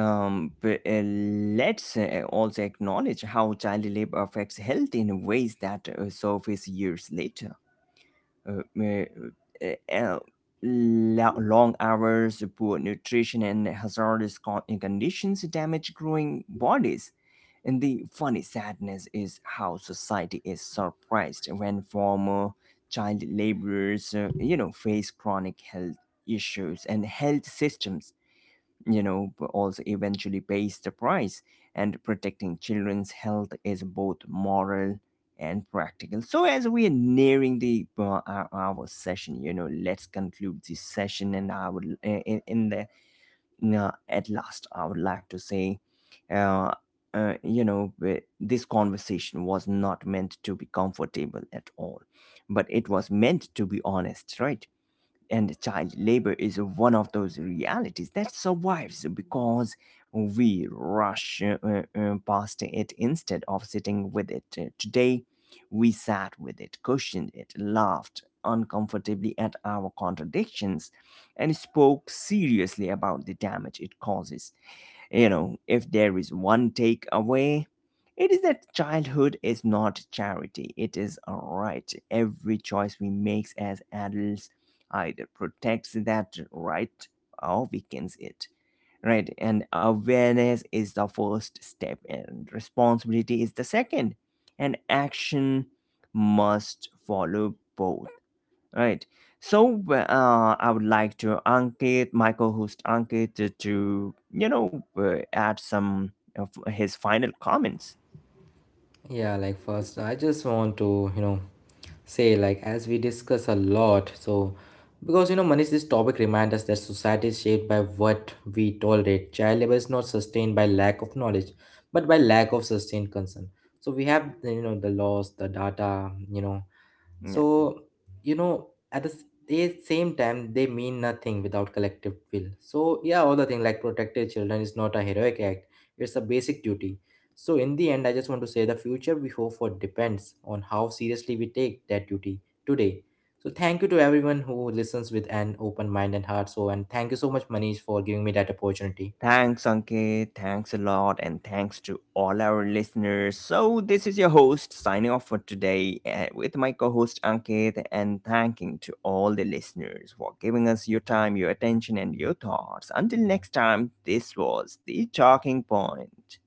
S1: um, but, uh, let's uh, also acknowledge how child labor affects health in ways that uh, surface years later. uh, me, uh, uh, lo- Long hours, poor nutrition, and hazardous con- conditions damage growing bodies. And the funny sadness is how society is surprised when former child laborers, uh, you know, face chronic health issues, and health systems, you know, also eventually pays the price. And protecting children's health is both moral and practical. So, as we are nearing the uh, our, our session, you know, let's conclude this session. And I would, uh, in, in the uh, at last, I would like to say, uh, uh, you know, w- this conversation was not meant to be comfortable at all, but it was meant to be honest, right? And child labor is one of those realities that survives because we rush uh, uh, uh, past it instead of sitting with it. Uh, Today, we sat with it, cushioned it, laughed uncomfortably at our contradictions, and spoke seriously about the damage it causes. You know, if there is one takeaway, it is that childhood is not charity, it is a right. Every choice we make as adults either protects that right or weakens it. Right, and awareness is the first step, and responsibility is the second, and action must follow both. Right. So uh, uh, I would like to Ankit, Michael host Ankit to, to, you know, uh, add some of his final comments.
S2: Yeah, like first, I just want to, you know, say like as we discuss a lot, so because you know, Manish, this topic reminds us that society is shaped by what we tolerate. Child labor is not sustained by lack of knowledge, but by lack of sustained concern. So we have, you know, the laws, the data, you know,
S1: Yeah.
S2: so, you know, at the s- they- same time, they mean nothing without collective will. So, yeah, all the thing like protecting children is not a heroic act, it's a basic duty. So, in the end, I just want to say the future we hope for depends on how seriously we take that duty today. So, thank you to everyone who listens with an open mind and heart. So, and thank you so much, Manish, for giving me that opportunity.
S1: Thanks, Ankit. Thanks a lot. And thanks to all our listeners. So, this is your host signing off for today uh, with my co host Ankit. And thanking to all the listeners for giving us your time, your attention, and your thoughts. Until next time, this was The Talking Point.